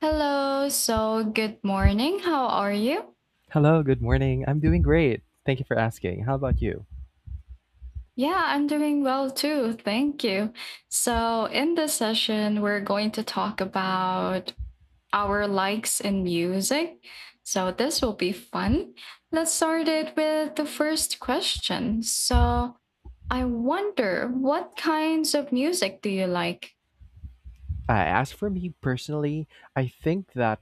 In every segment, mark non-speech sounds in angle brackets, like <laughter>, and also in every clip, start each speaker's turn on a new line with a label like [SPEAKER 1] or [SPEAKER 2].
[SPEAKER 1] Hello, so good morning. How are you?
[SPEAKER 2] Hello, good morning. I'm doing great. Thank you for asking. How about you?
[SPEAKER 1] Yeah, I'm doing well too. Thank you. So, in this session, we're going to talk about our likes in music. So, this will be fun. Let's start it with the first question. So, I wonder what kinds of music do you like?
[SPEAKER 2] Uh, as for me personally, I think that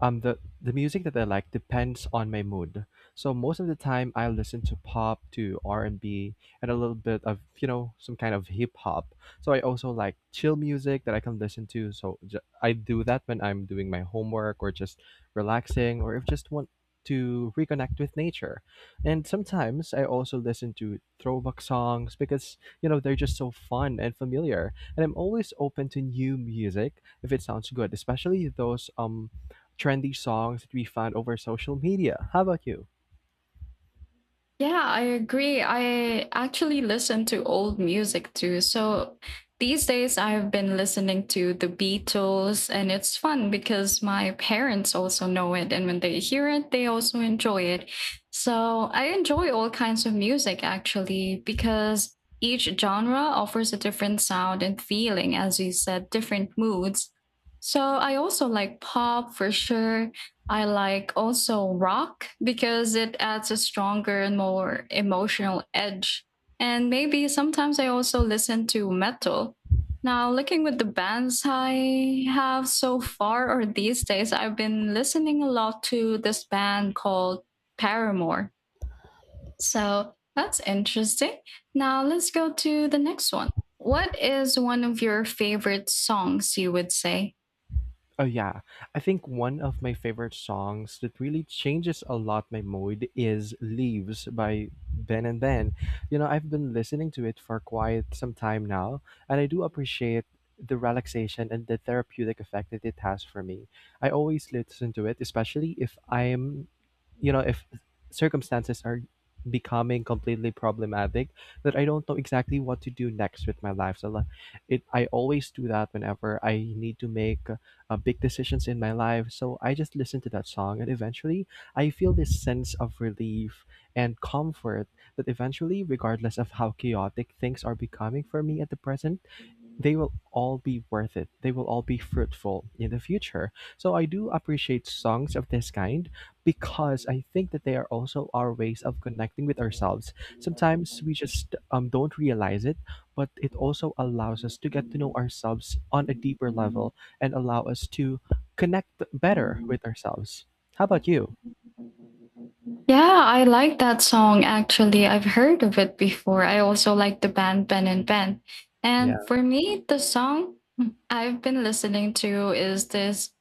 [SPEAKER 2] the music that I like depends on my mood. So most of the time, I listen to pop, to R&B, and a little bit of some kind of hip hop. So I also like chill music that I can listen to. So I do that when I'm doing my homework or just relaxing, or if just want to reconnect with nature. And sometimes I also listen to throwback songs because they're just so fun and familiar, and I'm always open to new music if it sounds good, especially those trendy songs that we find over social media. How about you?
[SPEAKER 1] Yeah, I agree. I actually listen to old music too. So these days I've been listening to the Beatles, and it's fun because my parents also know it. And when they hear it, they also enjoy it. So I enjoy all kinds of music actually because each genre offers a different sound and feeling, as you said, different moods. So I also like pop for sure. I like also rock because it adds a stronger and more emotional edge. And maybe sometimes I also listen to metal. Now, looking with the bands I have so far, or these days, I've been listening a lot to this band called Paramore. So that's interesting. Now, let's go to the next one. What is one of your favorite songs, you would say?
[SPEAKER 2] Oh yeah, I think one of my favorite songs that really changes a lot my mood is "Leaves" by Ben and Ben. I've been listening to it for quite some time now, and I do appreciate the relaxation and the therapeutic effect that it has for me. I always listen to it, especially if I'm, if circumstances are becoming completely problematic that I don't know exactly what to do next with my life. So like, it I always do that whenever I need to make big decisions in my life. So I just listen to that song, and eventually I feel this sense of relief and comfort that eventually, regardless of how chaotic things are becoming for me at the present, they will all be worth it. They will all be fruitful in the future. So I do appreciate songs of this kind because I think that they are also our ways of connecting with ourselves. Sometimes we just don't realize it, but it also allows us to get to know ourselves on a deeper level and allow us to connect better with ourselves. How about you?
[SPEAKER 1] Yeah, I like that song actually. I've heard of it before. I also like the band Ben and Ben.
[SPEAKER 2] Yeah.
[SPEAKER 1] And for me, the song I've been listening to is this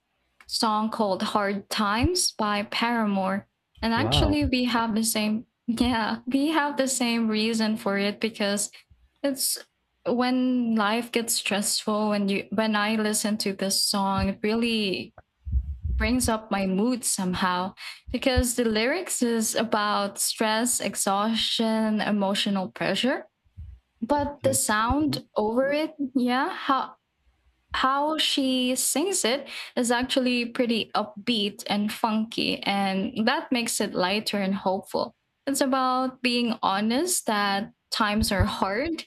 [SPEAKER 1] song called Hard Times by Paramore. And
[SPEAKER 2] Wow.
[SPEAKER 1] actually, we have the same, <laughs> yeah, we have the same reason for it because it's when life gets stressful and you, when I listen to this song, it really brings up my mood somehow because the lyrics is about stress, exhaustion, emotional pressure, but the
[SPEAKER 2] I see.
[SPEAKER 1] sound over it, yeah, how she sings it is actually pretty upbeat and funky, and that makes it lighter and hopeful. It's about being honest that times are hard,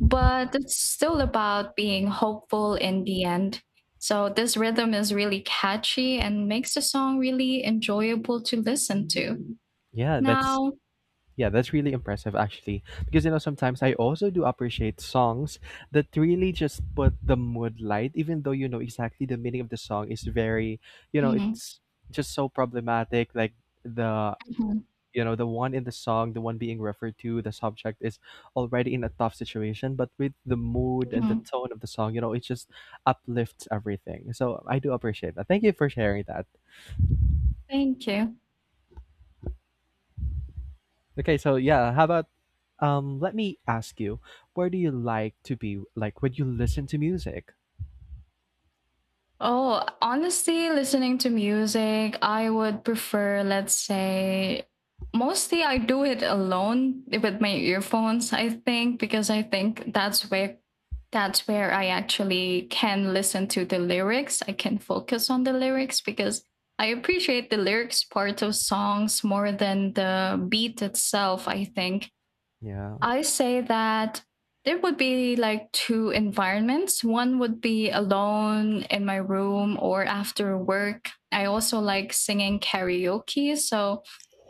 [SPEAKER 1] but it's still about being hopeful in the end. So, this rhythm is really catchy and makes the song really enjoyable to listen to.
[SPEAKER 2] Yeah, that's
[SPEAKER 1] Now,
[SPEAKER 2] Yeah, that's really impressive actually. Because sometimes I also do appreciate songs that really just put the mood light, even though you know exactly the meaning of the song is very,
[SPEAKER 1] Mhm,
[SPEAKER 2] it's just so problematic. Like the,
[SPEAKER 1] mhm,
[SPEAKER 2] the one in the song, the one being referred to, the subject is already in a tough situation, but with the mood and the
[SPEAKER 1] mhm.
[SPEAKER 2] tone of the song, it just uplifts everything. So I do appreciate that. Thank you for sharing that.
[SPEAKER 1] Thank you.
[SPEAKER 2] Okay, so yeah, how about let me ask you, where do you like to be, like, when you listen to music?
[SPEAKER 1] Oh, honestly, listening to music, I would prefer, let's say, mostly I do it alone with my earphones, I think, because I think that's where I actually can listen to the lyrics. I can focus on the lyrics because I appreciate the lyrics part of songs more than the beat itself, I think.
[SPEAKER 2] Yeah.
[SPEAKER 1] I say that there would be like two environments. One would be alone in my room or after work. I also like singing karaoke. So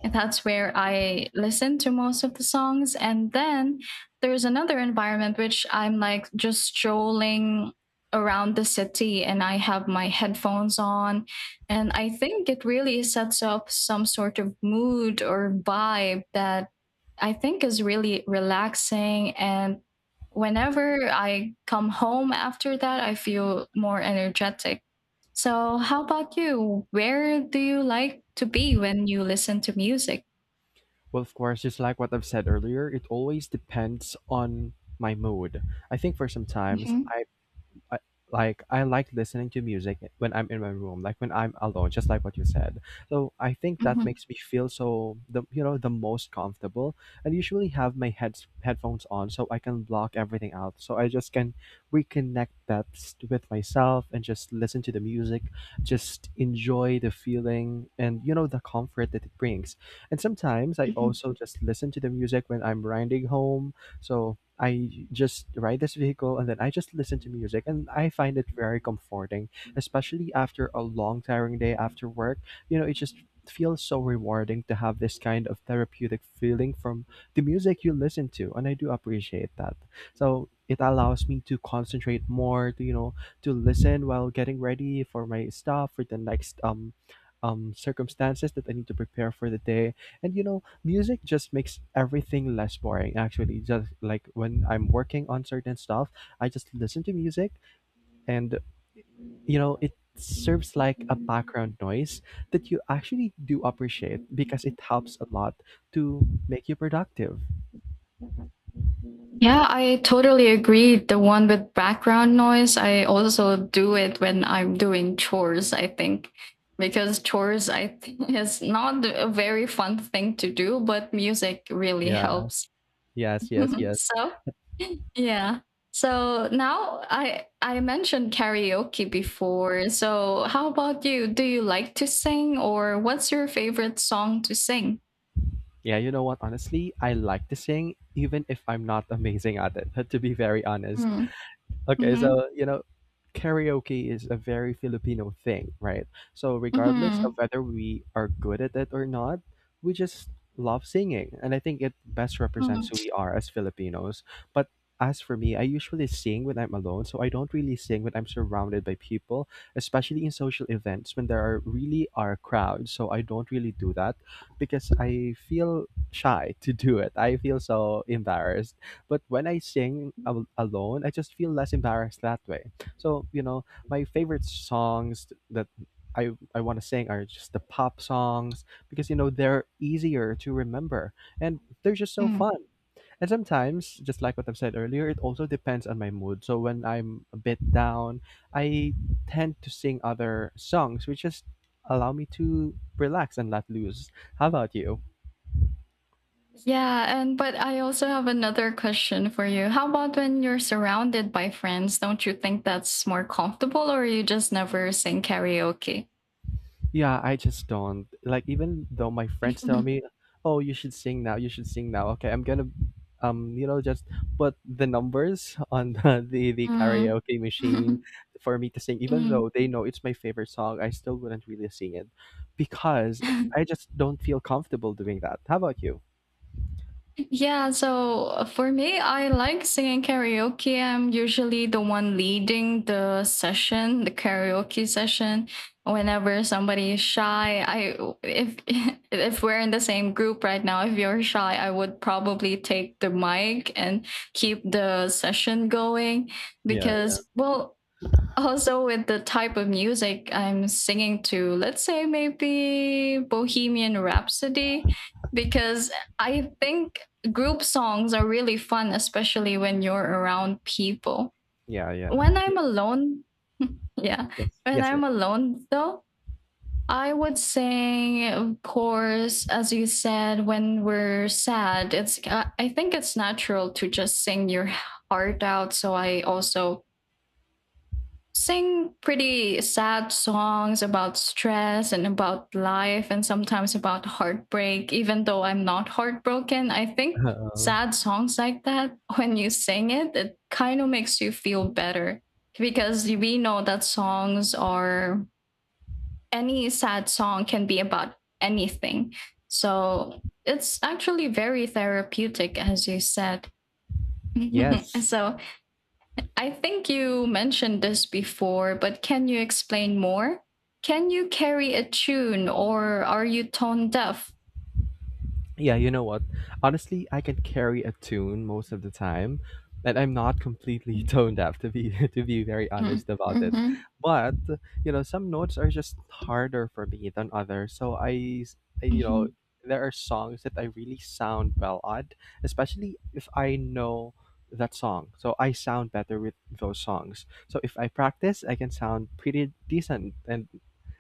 [SPEAKER 1] that's where I listen to most of the songs. And then there's another environment which I'm like just strolling around the city and I have my headphones on. And I think it really sets up some sort of mood or vibe that I think is really relaxing. And whenever I come home after that, I feel more energetic. So, how about you? Where do you like to be when you listen to music?
[SPEAKER 2] Well, of course, just like what I've said earlier, it always depends on my mood. I think for sometimes
[SPEAKER 1] Mhm,
[SPEAKER 2] I, I like listening to music when I'm in my room, like when I'm alone, just like what you said. So I think that
[SPEAKER 1] mhm,
[SPEAKER 2] makes me feel so the you know the most comfortable. I usually have my heads headphones on so I can block everything out, so I just can reconnect that with myself and just listen to the music, just enjoy the feeling and the comfort that it brings. And sometimes I
[SPEAKER 1] mhm.
[SPEAKER 2] also just listen to the music when I'm riding home, so I just ride this vehicle and then I just listen to music, and I find it very comforting, especially after a long tiring day after work. It just feels so rewarding to have this kind of therapeutic feeling from the music you listen to, and I do appreciate that. So it allows me to concentrate more, to to listen while getting ready for my stuff for the next circumstances that I need to prepare for the day, and music just makes everything less boring, actually. Just like when I'm working on certain stuff, I just listen to music and, it serves like a background noise that you actually do appreciate because it helps a lot to make you productive.
[SPEAKER 1] Yeah, I totally agree. The one with background noise, I also do it when I'm doing chores, I think, because chores, I think, <laughs> is not a very fun thing to do, but music really
[SPEAKER 2] Yeah.
[SPEAKER 1] helps.
[SPEAKER 2] Yes, yes,
[SPEAKER 1] <laughs>
[SPEAKER 2] yes.
[SPEAKER 1] So, <laughs> yeah. So now I mentioned karaoke before. So how about you? Do you like to sing or what's your favorite song to sing?
[SPEAKER 2] Yeah, you know what? Honestly, I like to sing even if I'm not <laughs> amazing at it, <laughs> to be very honest.
[SPEAKER 1] Mm.
[SPEAKER 2] Okay,
[SPEAKER 1] Mhm.
[SPEAKER 2] so karaoke is a very Filipino thing, right? So regardless of
[SPEAKER 1] Mhm.
[SPEAKER 2] whether we are good at it or not, we just love singing, and I think it best represents
[SPEAKER 1] Mm.
[SPEAKER 2] who we are as Filipinos. But as for me, I usually sing when I'm alone, so I don't really sing when I'm surrounded by people, especially in social events when there are really are crowds. So I don't really do that because I feel shy to do it. I feel so embarrassed. But when I sing alone, I just feel less embarrassed that way. So, my favorite songs that I want to sing are just the pop songs because, you know, they're easier to remember and they're just so
[SPEAKER 1] Mm.
[SPEAKER 2] fun. And sometimes, just like what I've said earlier, it also depends on my mood. So when I'm a bit down, I tend to sing other songs, which just allow me to relax and let loose. How about you?
[SPEAKER 1] Yeah, and but I also have another question for you. How about when you're surrounded by friends? Don't you think that's more comfortable or you just never sing karaoke?
[SPEAKER 2] Yeah, I just don't. Like even though my friends tell me,
[SPEAKER 1] <laughs>
[SPEAKER 2] "Oh, you should sing now. You should sing now." Okay, I'm gonna just put the numbers <laughs> on the
[SPEAKER 1] Mm.
[SPEAKER 2] karaoke machine
[SPEAKER 1] <laughs>
[SPEAKER 2] for me to sing. Even
[SPEAKER 1] Mm.
[SPEAKER 2] though they know it's my favorite song, I still wouldn't really sing it because I just don't feel comfortable doing that. How about you?
[SPEAKER 1] Yeah, so for me, I like singing karaoke. I'm usually the one leading the session, the karaoke session. Whenever somebody is shy, I if <laughs> if we're in the same group right now, if you're shy, I would probably take the mic and keep the session going
[SPEAKER 2] Yeah, yeah.
[SPEAKER 1] because well, also with the type of music I'm singing to, let's say maybe Bohemian Rhapsody, because I think group songs are really fun, especially when you're around people.
[SPEAKER 2] Yeah, yeah.
[SPEAKER 1] When
[SPEAKER 2] Yeah.
[SPEAKER 1] I'm alone, <laughs> yeah,
[SPEAKER 2] Yes. <laughs>
[SPEAKER 1] when
[SPEAKER 2] Yes, yes.
[SPEAKER 1] I'm alone though, I would sing, of course, as you said, when we're sad, it's I think it's natural to just sing your heart out. So I also sing pretty sad songs about stress and about life and sometimes about heartbreak, even though I'm not heartbroken, I think
[SPEAKER 2] Uh,
[SPEAKER 1] sad songs like that <laughs> when you sing it kind of makes you feel better because we know that songs are any sad song can be about anything, so it's actually very therapeutic, as you said. <laughs>
[SPEAKER 2] yes.
[SPEAKER 1] So I think you mentioned this before, but can you explain more? Can you carry a tune or are you tone deaf?
[SPEAKER 2] Yeah, you know what? Honestly, I can carry a tune most of the time, and I'm not completely <laughs> tone deaf to be <laughs> to be very
[SPEAKER 1] Mm.
[SPEAKER 2] honest about it.
[SPEAKER 1] Mhm.
[SPEAKER 2] But some notes are just harder for me than others. So I, s- I- you know,
[SPEAKER 1] Mhm.
[SPEAKER 2] there are songs that I really sound well at, especially if I know that song. So I sound better with those songs. So if I practice, I can sound pretty decent. And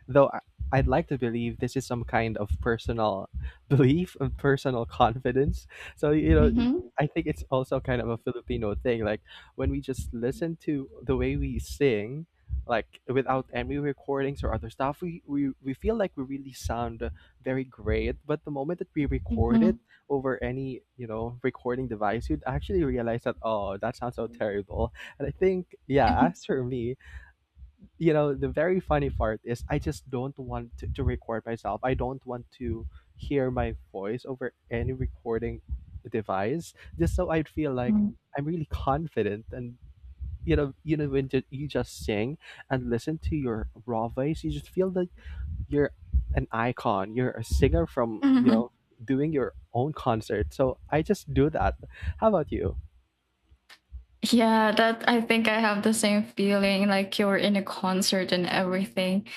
[SPEAKER 2] though I'd like to believe this is some kind of personal <laughs> belief and personal confidence. So, you know,
[SPEAKER 1] Mhm.
[SPEAKER 2] I think it's also kind of a Filipino thing. Like when we just listen to the way we sing, like without any recordings or other stuff, we feel like we really sound very great. But the moment that we record
[SPEAKER 1] Mhm.
[SPEAKER 2] it over any, recording device, you'd actually realize that, oh, that sounds so terrible. And I think, yeah,
[SPEAKER 1] Mhm.
[SPEAKER 2] as for me, the very funny part is I just don't want to record myself. I don't want to hear my voice over any recording device, just so I'd feel like I'm really confident. And when you just sing and listen to your raw voice, you just feel that you're an icon, you're a singer from,
[SPEAKER 1] Mhm. <laughs>
[SPEAKER 2] doing your own concert. So I just do that. How about you?
[SPEAKER 1] Yeah, that I think I have the same feeling like you're in a concert and everything.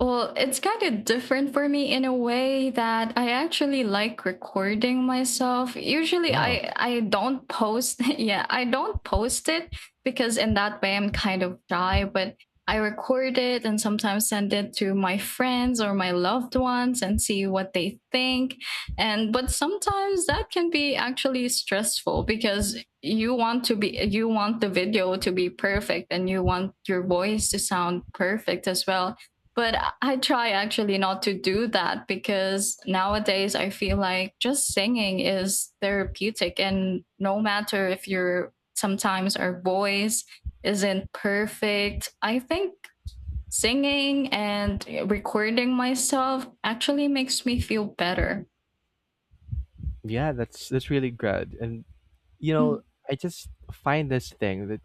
[SPEAKER 1] Well, it's kind of different for me in a way that I actually like recording myself. Usually
[SPEAKER 2] Wow.
[SPEAKER 1] I don't post, <laughs> yeah, I don't post it because in that way I'm kind of shy, but I record it and sometimes send it to my friends or my loved ones and see what they think. And but sometimes that can be actually stressful because you want the video to be perfect and you want your voice to sound perfect as well. But I try actually not to do that because nowadays I feel like just singing is therapeutic. And no matter if you're sometimes our voice isn't perfect, I think singing and recording myself actually makes me feel better.
[SPEAKER 2] Yeah, that's really good. And you
[SPEAKER 1] Mm-hmm.
[SPEAKER 2] know I just find this thing that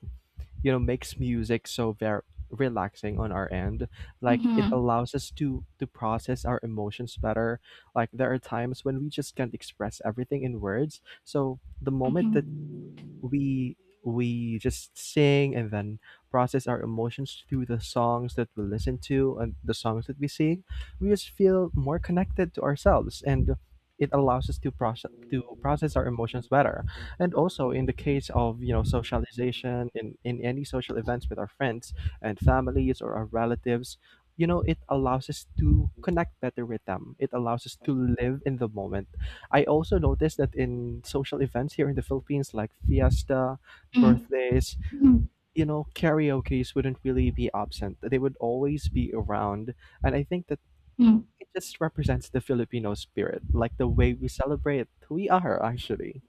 [SPEAKER 2] makes music so very relaxing on our end. Like it
[SPEAKER 1] Mm-hmm.
[SPEAKER 2] allows us to process our emotions better. Like there are times when we just can't express everything in words. So the moment that
[SPEAKER 1] Mm-hmm.
[SPEAKER 2] we we just sing and then process our emotions through the songs that we listen to and the songs that we sing, we just feel more connected to ourselves. And it allows us to process our emotions better. And also in the case of, socialization in any social events with our friends and families or our relatives, it allows us to connect better with them. It allows us to live in the moment. I also noticed that in social events here in the Philippines, like fiesta,
[SPEAKER 1] Mm-hmm.
[SPEAKER 2] birthdays, karaoke's wouldn't really be absent. They would always be around. And I think that
[SPEAKER 1] Mm-hmm.
[SPEAKER 2] it just represents the Filipino spirit, like the way we celebrate who we are, actually.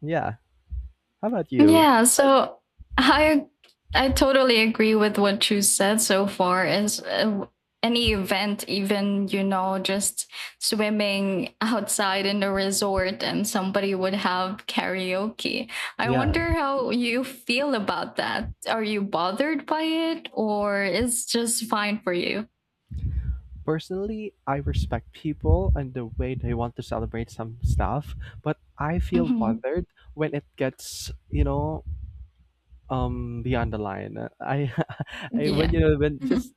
[SPEAKER 2] Yeah. How about you?
[SPEAKER 1] Yeah,
[SPEAKER 2] Like,
[SPEAKER 1] so I I totally agree with what you said so far. Is Any event, even just swimming outside in the resort, and somebody would have karaoke. I
[SPEAKER 2] yeah.
[SPEAKER 1] wonder how you feel about that. Are you bothered by it, or is just fine for you?
[SPEAKER 2] Personally, I respect people and the way they want to celebrate some stuff, but I feel
[SPEAKER 1] Hmm.
[SPEAKER 2] bothered when it gets beyond the line. I <laughs> I when
[SPEAKER 1] Yeah.
[SPEAKER 2] you know when just
[SPEAKER 1] <laughs>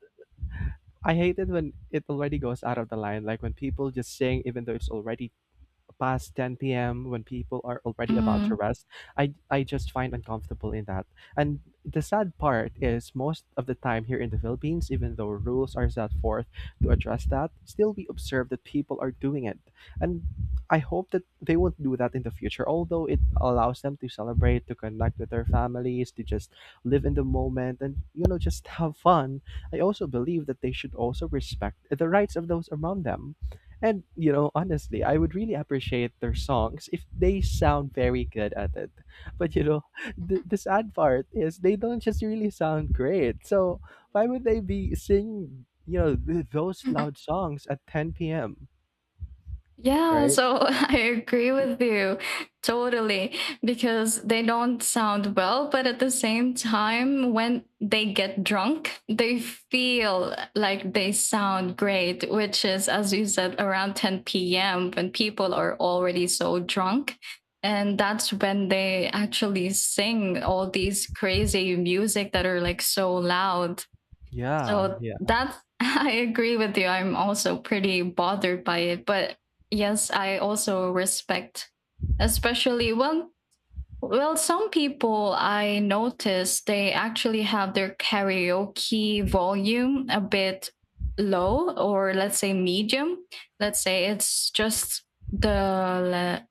[SPEAKER 2] I hate it when it already goes out of the line, like when people just sing even though it's already past 10 p.m. when people are already about to
[SPEAKER 1] Mm.
[SPEAKER 2] rest. I just find uncomfortable in that. And the sad part is most of the time here in the Philippines, even though rules are set forth to address that, still we observe that people are doing it. And I hope that they won't do that in the future, although it allows them to celebrate, to connect with their families, to just live in the moment and, just <laughs> have fun. I also believe that they should also respect the rights of those around them. And honestly, I would really appreciate their songs if they sound very good at it. But <laughs> the sad part is they don't just really sound great. So why would they be singing, those loud songs at 10 p.m.?
[SPEAKER 1] Yeah,
[SPEAKER 2] Right?
[SPEAKER 1] so <laughs> I agree with you totally because they don't sound well, but at the same time, when they get drunk, they feel like they sound great, which is, as you said, around 10 p.m. when people are already so drunk. And that's when they actually sing all these crazy music that are like so loud.
[SPEAKER 2] Yeah,
[SPEAKER 1] So
[SPEAKER 2] yeah,
[SPEAKER 1] that's, <laughs> I agree with you. I'm also pretty bothered by it. But yes, I also respect, especially well. Well, some people I notice they actually have their karaoke volume a bit low, or let's say medium. Let's say it's just the, le-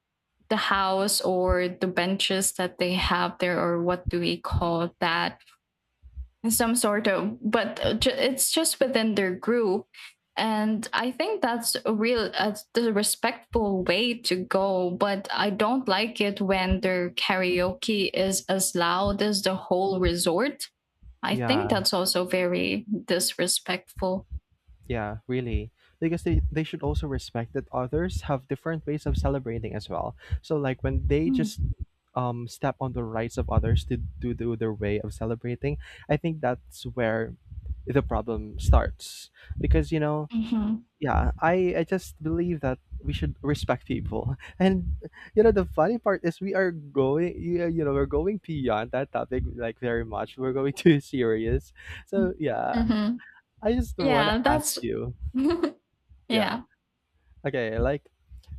[SPEAKER 1] the house or the benches that they have there, or what do we call that? Some sort of, but it's just within their group, and I think that's a real, the respectful way to go. But I don't like it when their karaoke is as loud as the whole resort. I
[SPEAKER 2] yeah.
[SPEAKER 1] think that's also very disrespectful.
[SPEAKER 2] Yeah, really. Because they should also respect that others have different ways of celebrating as well. So like when they
[SPEAKER 1] Hmm.
[SPEAKER 2] just step on the rights of others to do their way of celebrating, I think that's where the problem starts. Because yeah, I just believe that we should respect people. <laughs> And the funny part is we are we're going beyond that topic, like, very much. We're going <laughs> too serious. So yeah,
[SPEAKER 1] Hmm.
[SPEAKER 2] I just wanna
[SPEAKER 1] Yeah,
[SPEAKER 2] ask
[SPEAKER 1] that's,
[SPEAKER 2] you.
[SPEAKER 1] <laughs>
[SPEAKER 2] Yeah.
[SPEAKER 1] yeah.
[SPEAKER 2] Okay, like,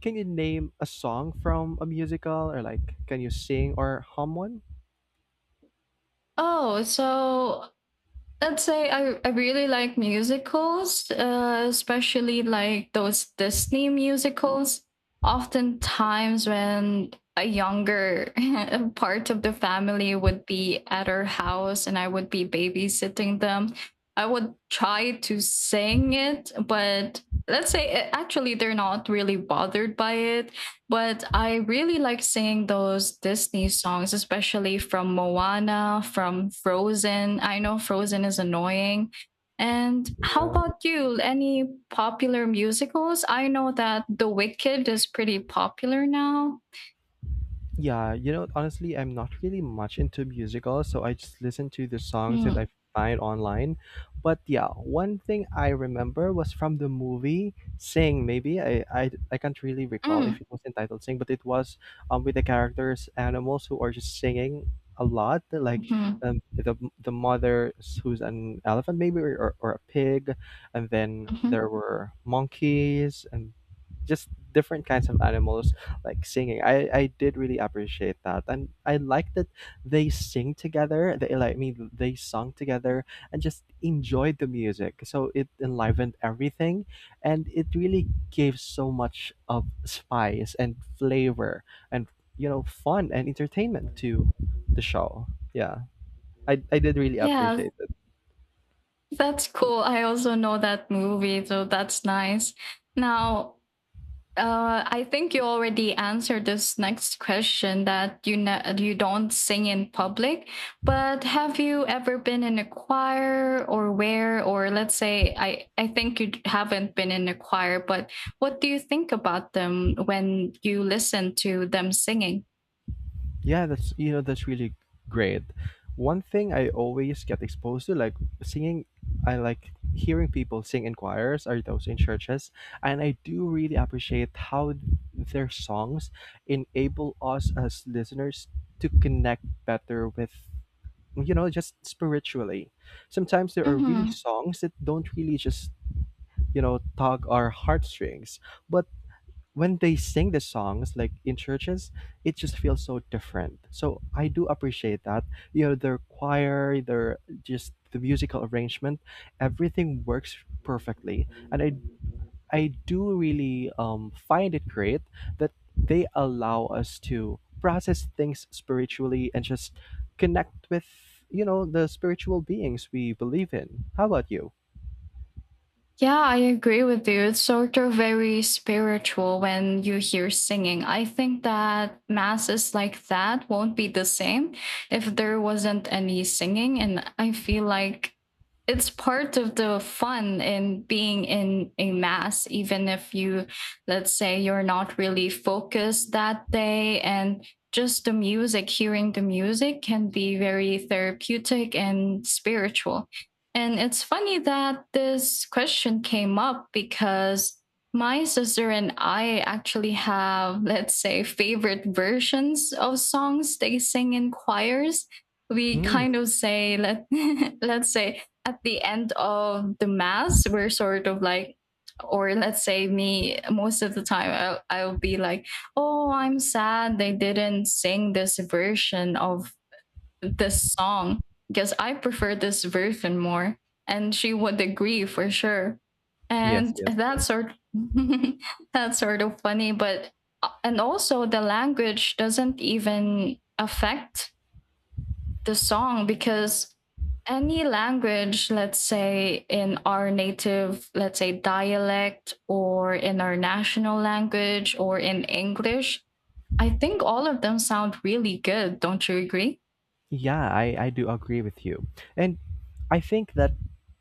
[SPEAKER 2] can you name a song from a musical, or like, can you sing or hum one?
[SPEAKER 1] Oh, so I'd say I really like musicals, especially like those Disney musicals. Oftentimes, when a younger <laughs> part of the family would be at our house and I would be babysitting them, I would try to sing it, but let's say, actually they're not really bothered by it, but I really like singing those Disney songs, especially from Moana, from Frozen. I know Frozen is annoying. And how
[SPEAKER 2] Yeah.
[SPEAKER 1] about you? Any popular musicals? I know that The Wicked is pretty popular now.
[SPEAKER 2] Yeah, you know, honestly, I'm not really much into musicals, so I just listen to the songs that I
[SPEAKER 1] Mm,
[SPEAKER 2] find online. But yeah, one thing I remember was from the movie Sing, maybe. I can't really recall
[SPEAKER 1] mm,
[SPEAKER 2] if it was entitled Sing, but it was with the characters, animals who are just singing a lot, like
[SPEAKER 1] mhm,
[SPEAKER 2] the who's an elephant, maybe, or a pig. And then
[SPEAKER 1] mhm.
[SPEAKER 2] there were monkeys and just different kinds of animals, like, singing. I did really appreciate that, and I like that they sing together. They like I mean, they sung together and just enjoyed the music. So it enlivened everything, and it really gave so much of spice and flavor and, you know, fun and entertainment to the show. Yeah, I did really
[SPEAKER 1] Yeah,
[SPEAKER 2] appreciate it.
[SPEAKER 1] that's cool. I also know that movie, so that's nice. Now, I think you already answered this next question, that you know you don't sing in public, but have you ever been in a choir or let's say, I think you haven't been in a choir, but what do you think about them when you listen to them singing?
[SPEAKER 2] Yeah, that's, you know, that's really great. One thing I always get exposed to, like, singing, I like hearing people sing in choirs or those in churches, and I do really appreciate how their songs enable us as listeners to connect better with, you know, just spiritually. Sometimes there are really songs that don't really just, you know, tug our heartstrings, but when they sing the songs like in churches, it just feels so different. So I do appreciate that, you know, their choir, their just the musical arrangement, everything works perfectly, and I do really find it great that they allow us to process things spiritually and just connect with, you know, the spiritual beings we believe in. How about you?
[SPEAKER 1] Yeah, I agree with you. It's sort of very spiritual when you hear singing. I think that masses like that won't be the same if there wasn't any singing. And I feel like it's part of the fun in being in a mass, even if you, let's say, you're not really focused that day, and just the music, hearing the music can be very therapeutic and spiritual. And it's funny that this question came up because my sister and I actually have, let's say, favorite versions of songs they sing in choirs. We
[SPEAKER 2] Hmm.
[SPEAKER 1] kind of say, <laughs> let's say, at the end of the mass, we're sort of like, or let's say me, most of the time, I'll be like, oh, I'm sad they didn't sing this version of this song because I prefer this version more. And she would agree for sure.
[SPEAKER 2] Yes,
[SPEAKER 1] And
[SPEAKER 2] yes.
[SPEAKER 1] that's sort <laughs> that's sort of funny, but and also the language doesn't even affect the song because any language, let's say in our native, let's say dialect, or in our national language, or in English, I think all of them sound really good. Don't you agree?
[SPEAKER 2] Yeah, I do agree with you. And I think that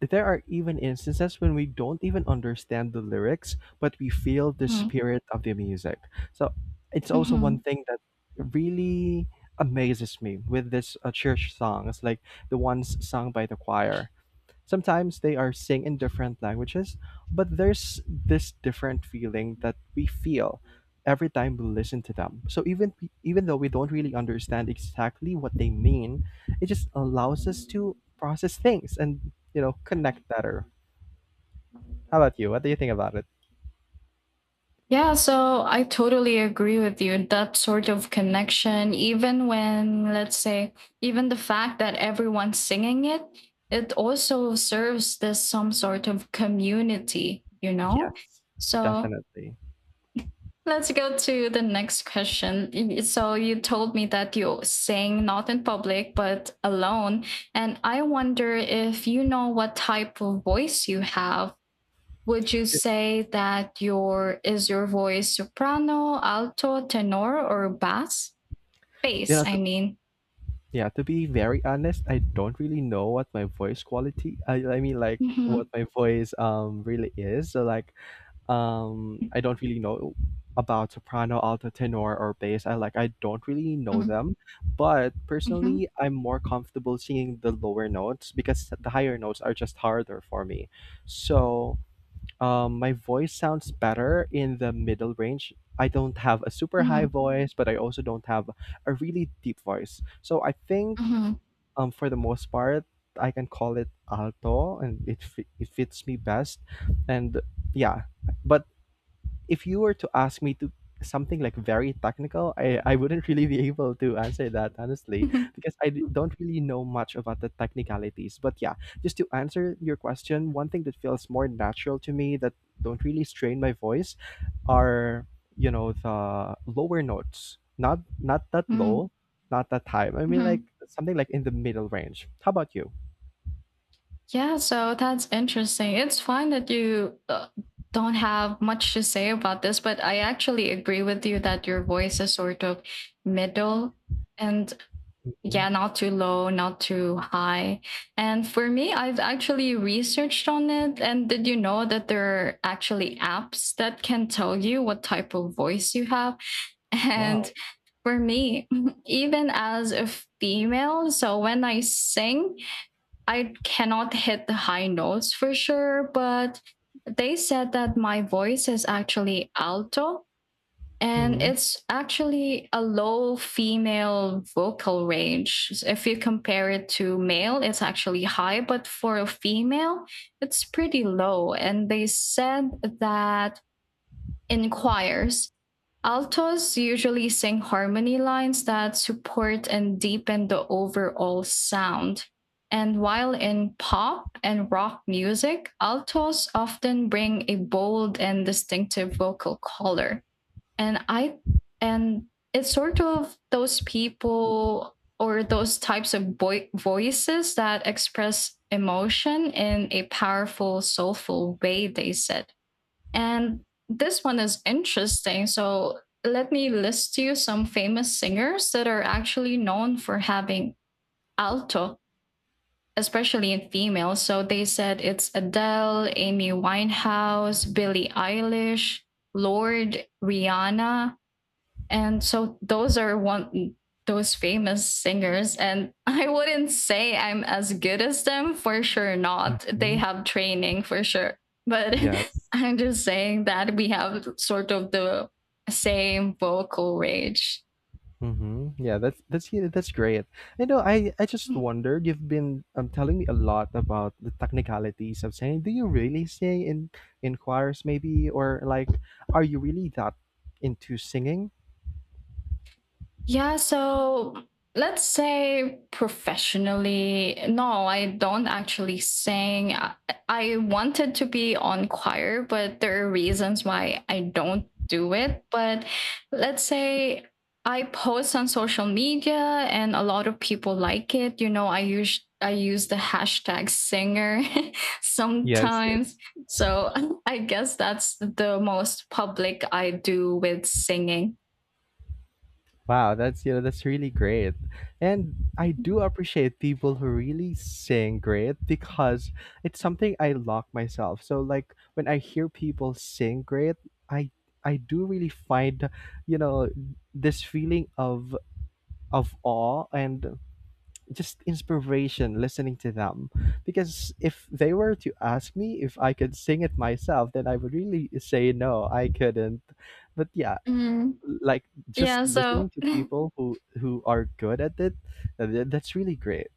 [SPEAKER 2] there are even instances when we don't even understand the lyrics, but we feel the
[SPEAKER 1] Hmm.
[SPEAKER 2] spirit of the music. So it's also one
[SPEAKER 1] Mm-hmm.
[SPEAKER 2] thing that really amazes me with this church songs, like the ones sung by the choir. Sometimes they are sing in different languages, but there's this different feeling that we feel every time we listen to them. So even though we don't really understand exactly what they mean, it just allows us to process things and, you know, connect better. How about you? What do you think about it?
[SPEAKER 1] Yeah, so I totally agree with you. That sort of connection, even when, let's say, even the fact that everyone's singing it, it also serves this some sort of community, you know?
[SPEAKER 2] Yes,
[SPEAKER 1] So
[SPEAKER 2] definitely.
[SPEAKER 1] let's go to the next question. So you told me that you sing not in public, but alone. And I wonder if you know what type of voice you have, would you
[SPEAKER 2] Y-
[SPEAKER 1] say that your is your voice soprano, alto, tenor, or bass?
[SPEAKER 2] You
[SPEAKER 1] Bass,
[SPEAKER 2] know,
[SPEAKER 1] I mean.
[SPEAKER 2] yeah. To be very honest, I don't really know what my voice quality. I mean, like,
[SPEAKER 1] Mhm.
[SPEAKER 2] what my voice really is. So like, I don't really know about soprano, alto, tenor, or bass. I don't really know
[SPEAKER 1] Mhm.
[SPEAKER 2] them, but
[SPEAKER 1] Mhm.
[SPEAKER 2] personally, I'm more comfortable singing the lower notes because the higher notes are just harder for me. So, my voice sounds better in the middle range. I don't have a super high
[SPEAKER 1] Mhm.
[SPEAKER 2] voice, but I also don't have a really deep voice. So I think,
[SPEAKER 1] Mhm.
[SPEAKER 2] for the most part, I can call it alto, and it fits me best. And yeah, but if you were to ask me to something like very technical, I wouldn't <laughs> really be able to answer that honestly,
[SPEAKER 1] Mhm.
[SPEAKER 2] because don't really know much about the technicalities. But yeah, just to answer your question, one thing that feels more natural to me that don't really strain my voice are, you know, the lower notes, not that
[SPEAKER 1] Mhm.
[SPEAKER 2] low, not that high. I mean, like,
[SPEAKER 1] Mhm.
[SPEAKER 2] something like in the middle range. How about you?
[SPEAKER 1] Yeah, so that's interesting. It's fine that you don't have much to say about this, but I actually agree with you that your voice is sort of middle, and
[SPEAKER 2] Hmm.
[SPEAKER 1] yeah, not too low, not too high. And for me, I've actually researched on it, and did you know that there are actually apps that can tell you what type of voice you have <laughs>
[SPEAKER 2] Wow.
[SPEAKER 1] and for me, <laughs> even as a female, so when I sing, I cannot hit the high notes for sure, but they said that my voice is actually alto, and
[SPEAKER 2] Hmm.
[SPEAKER 1] it's actually a low female vocal range. So if you compare it to male, it's actually high, but for a female, it's pretty low. And they said that in choirs, altos usually sing harmony lines that support and deepen the overall sound. And while in pop and rock music, altos often bring a bold and distinctive vocal color, and i and it's sort of those people or those types of voices that express emotion in a powerful, soulful way, they said. And this one is interesting, so let me list you some famous singers that are actually known for having alto, especially in females. So they said it's Adele, Amy Winehouse, Billie Eilish, Lord, Rihanna, and so those are one those famous singers, and <laughs> I wouldn't say I'm as good as them, for sure not. They
[SPEAKER 2] Hmm.
[SPEAKER 1] have training, for sure. But <laughs>
[SPEAKER 2] Yes.
[SPEAKER 1] I'm just saying that we have sort of the same vocal range.
[SPEAKER 2] Hmm. Yeah, that's yeah, that's great. You know, I just wondered. You've been telling me a lot about the technicalities of singing. Do you really sing in choirs, maybe, or like, are you really that into singing?
[SPEAKER 1] Yeah, so let's say professionally, no, I don't actually sing. I wanted to be on choir, but there are reasons why I don't do it. But let's say I post on social media and a lot of people like it. You know, I use the hashtag singer <laughs>
[SPEAKER 2] Yes,
[SPEAKER 1] sometimes.
[SPEAKER 2] yes.
[SPEAKER 1] So <laughs> I guess that's the most public I do with singing.
[SPEAKER 2] Wow, that's, you know, that's really great. And I do appreciate people who really sing great, because it's something I lock myself. So like, when I hear people sing great, I I do really find, you know, this feeling of awe and just inspiration listening to them. Because if they were to ask me if I could sing it myself, then I would really say no, I couldn't. But yeah, like, just
[SPEAKER 1] Yeah,
[SPEAKER 2] listening to people who are good at it, that's really great.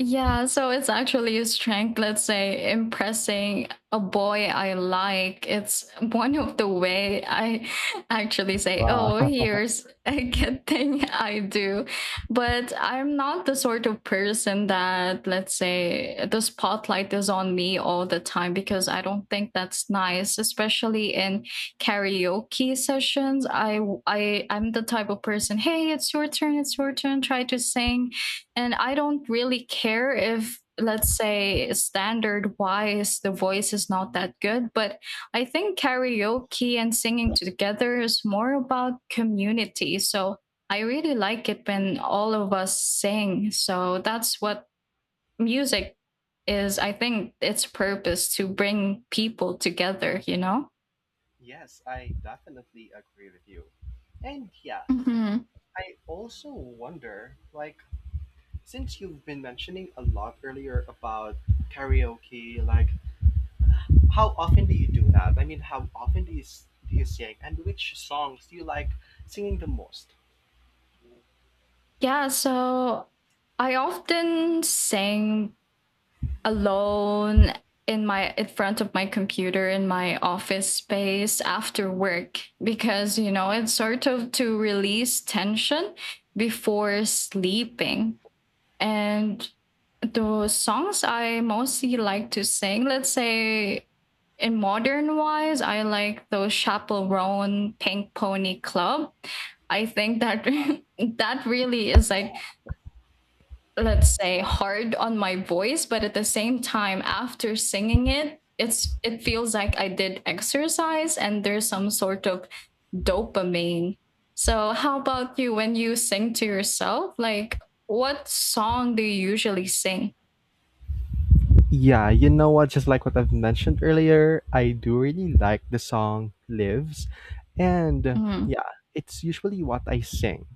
[SPEAKER 1] yeah, so it's actually a strength, let's say, impressing a boy I like. It's one of the way I <laughs> actually say,
[SPEAKER 2] Wow.
[SPEAKER 1] "Oh,
[SPEAKER 2] <laughs>
[SPEAKER 1] here's <laughs> a good thing I do." But I'm not the sort of person that, let's say, the spotlight is on me all the time because I don't think that's nice, especially in karaoke sessions. I I'm the type of person, "Hey, it's your turn, try to sing." And I don't really care if, let's say, standard wise the voice is not that good, but I think karaoke and singing together is more about community, so I really like it when all of us sing. So that's what music is, I think, its purpose, to bring people together, you know?
[SPEAKER 2] Yes, I definitely agree with you. And yeah,
[SPEAKER 1] Mm-hmm.
[SPEAKER 2] I also wonder, like, since you've been mentioning a lot earlier about karaoke, like, how often do you do that? I mean, how often do do you sing, and which songs do you like singing the most?
[SPEAKER 1] Yeah, so I often sing alone in my in front of my computer in my office space after work because, you know, it's sort of to release tension before sleeping. And the songs I mostly like to sing, let's say in modern wise, I like those Chaperone, Pink Pony Club. I think that <laughs> that really is like, let's say, hard on my voice, but at the same time after singing it, it's it feels like I did exercise and there's some sort of dopamine. So how about you, when you sing to yourself, like, what song do you usually sing?
[SPEAKER 2] Yeah, you know what? Just like what I've mentioned earlier, I do really like the song Lives. And
[SPEAKER 1] Mm-hmm.
[SPEAKER 2] yeah, it's usually what I sing.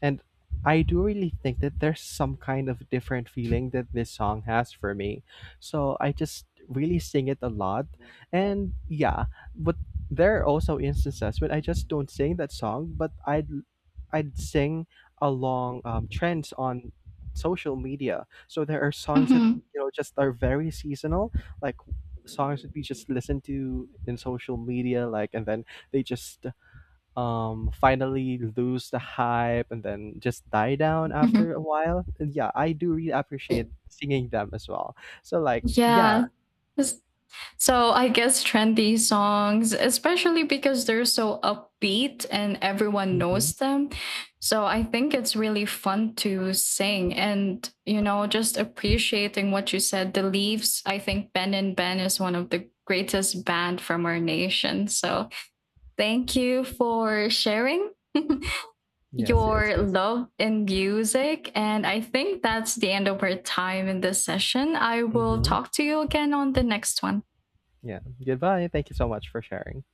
[SPEAKER 2] And I do really think that there's some kind of different feeling that this song has for me. So I just really sing it a lot. And yeah, but there are also instances when I just don't sing that song, but I'd sing along trends on social media. So there are songs that,
[SPEAKER 1] Mm-hmm.
[SPEAKER 2] you know, just are very seasonal, like songs that we just listen to in social media, like, and then they just finally lose the hype and then just die down
[SPEAKER 1] Mm-hmm.
[SPEAKER 2] after a while. And yeah, I do really appreciate singing them as well. So like, yeah.
[SPEAKER 1] Yeah, it's, so I guess trendy songs, especially because they're so upbeat and everyone
[SPEAKER 2] Hmm.
[SPEAKER 1] knows them. So I think it's really fun to sing and, you know, just appreciating what you said. The Leaves, I think Ben and Ben is one of the greatest band from our nation. So thank you for sharing <laughs>
[SPEAKER 2] Yes, yes,
[SPEAKER 1] your
[SPEAKER 2] yes.
[SPEAKER 1] love in music. And I think that's the end of our time in this session. I will
[SPEAKER 2] Hmm.
[SPEAKER 1] talk to you again on the next one.
[SPEAKER 2] Yeah. Goodbye. Thank you so much for sharing.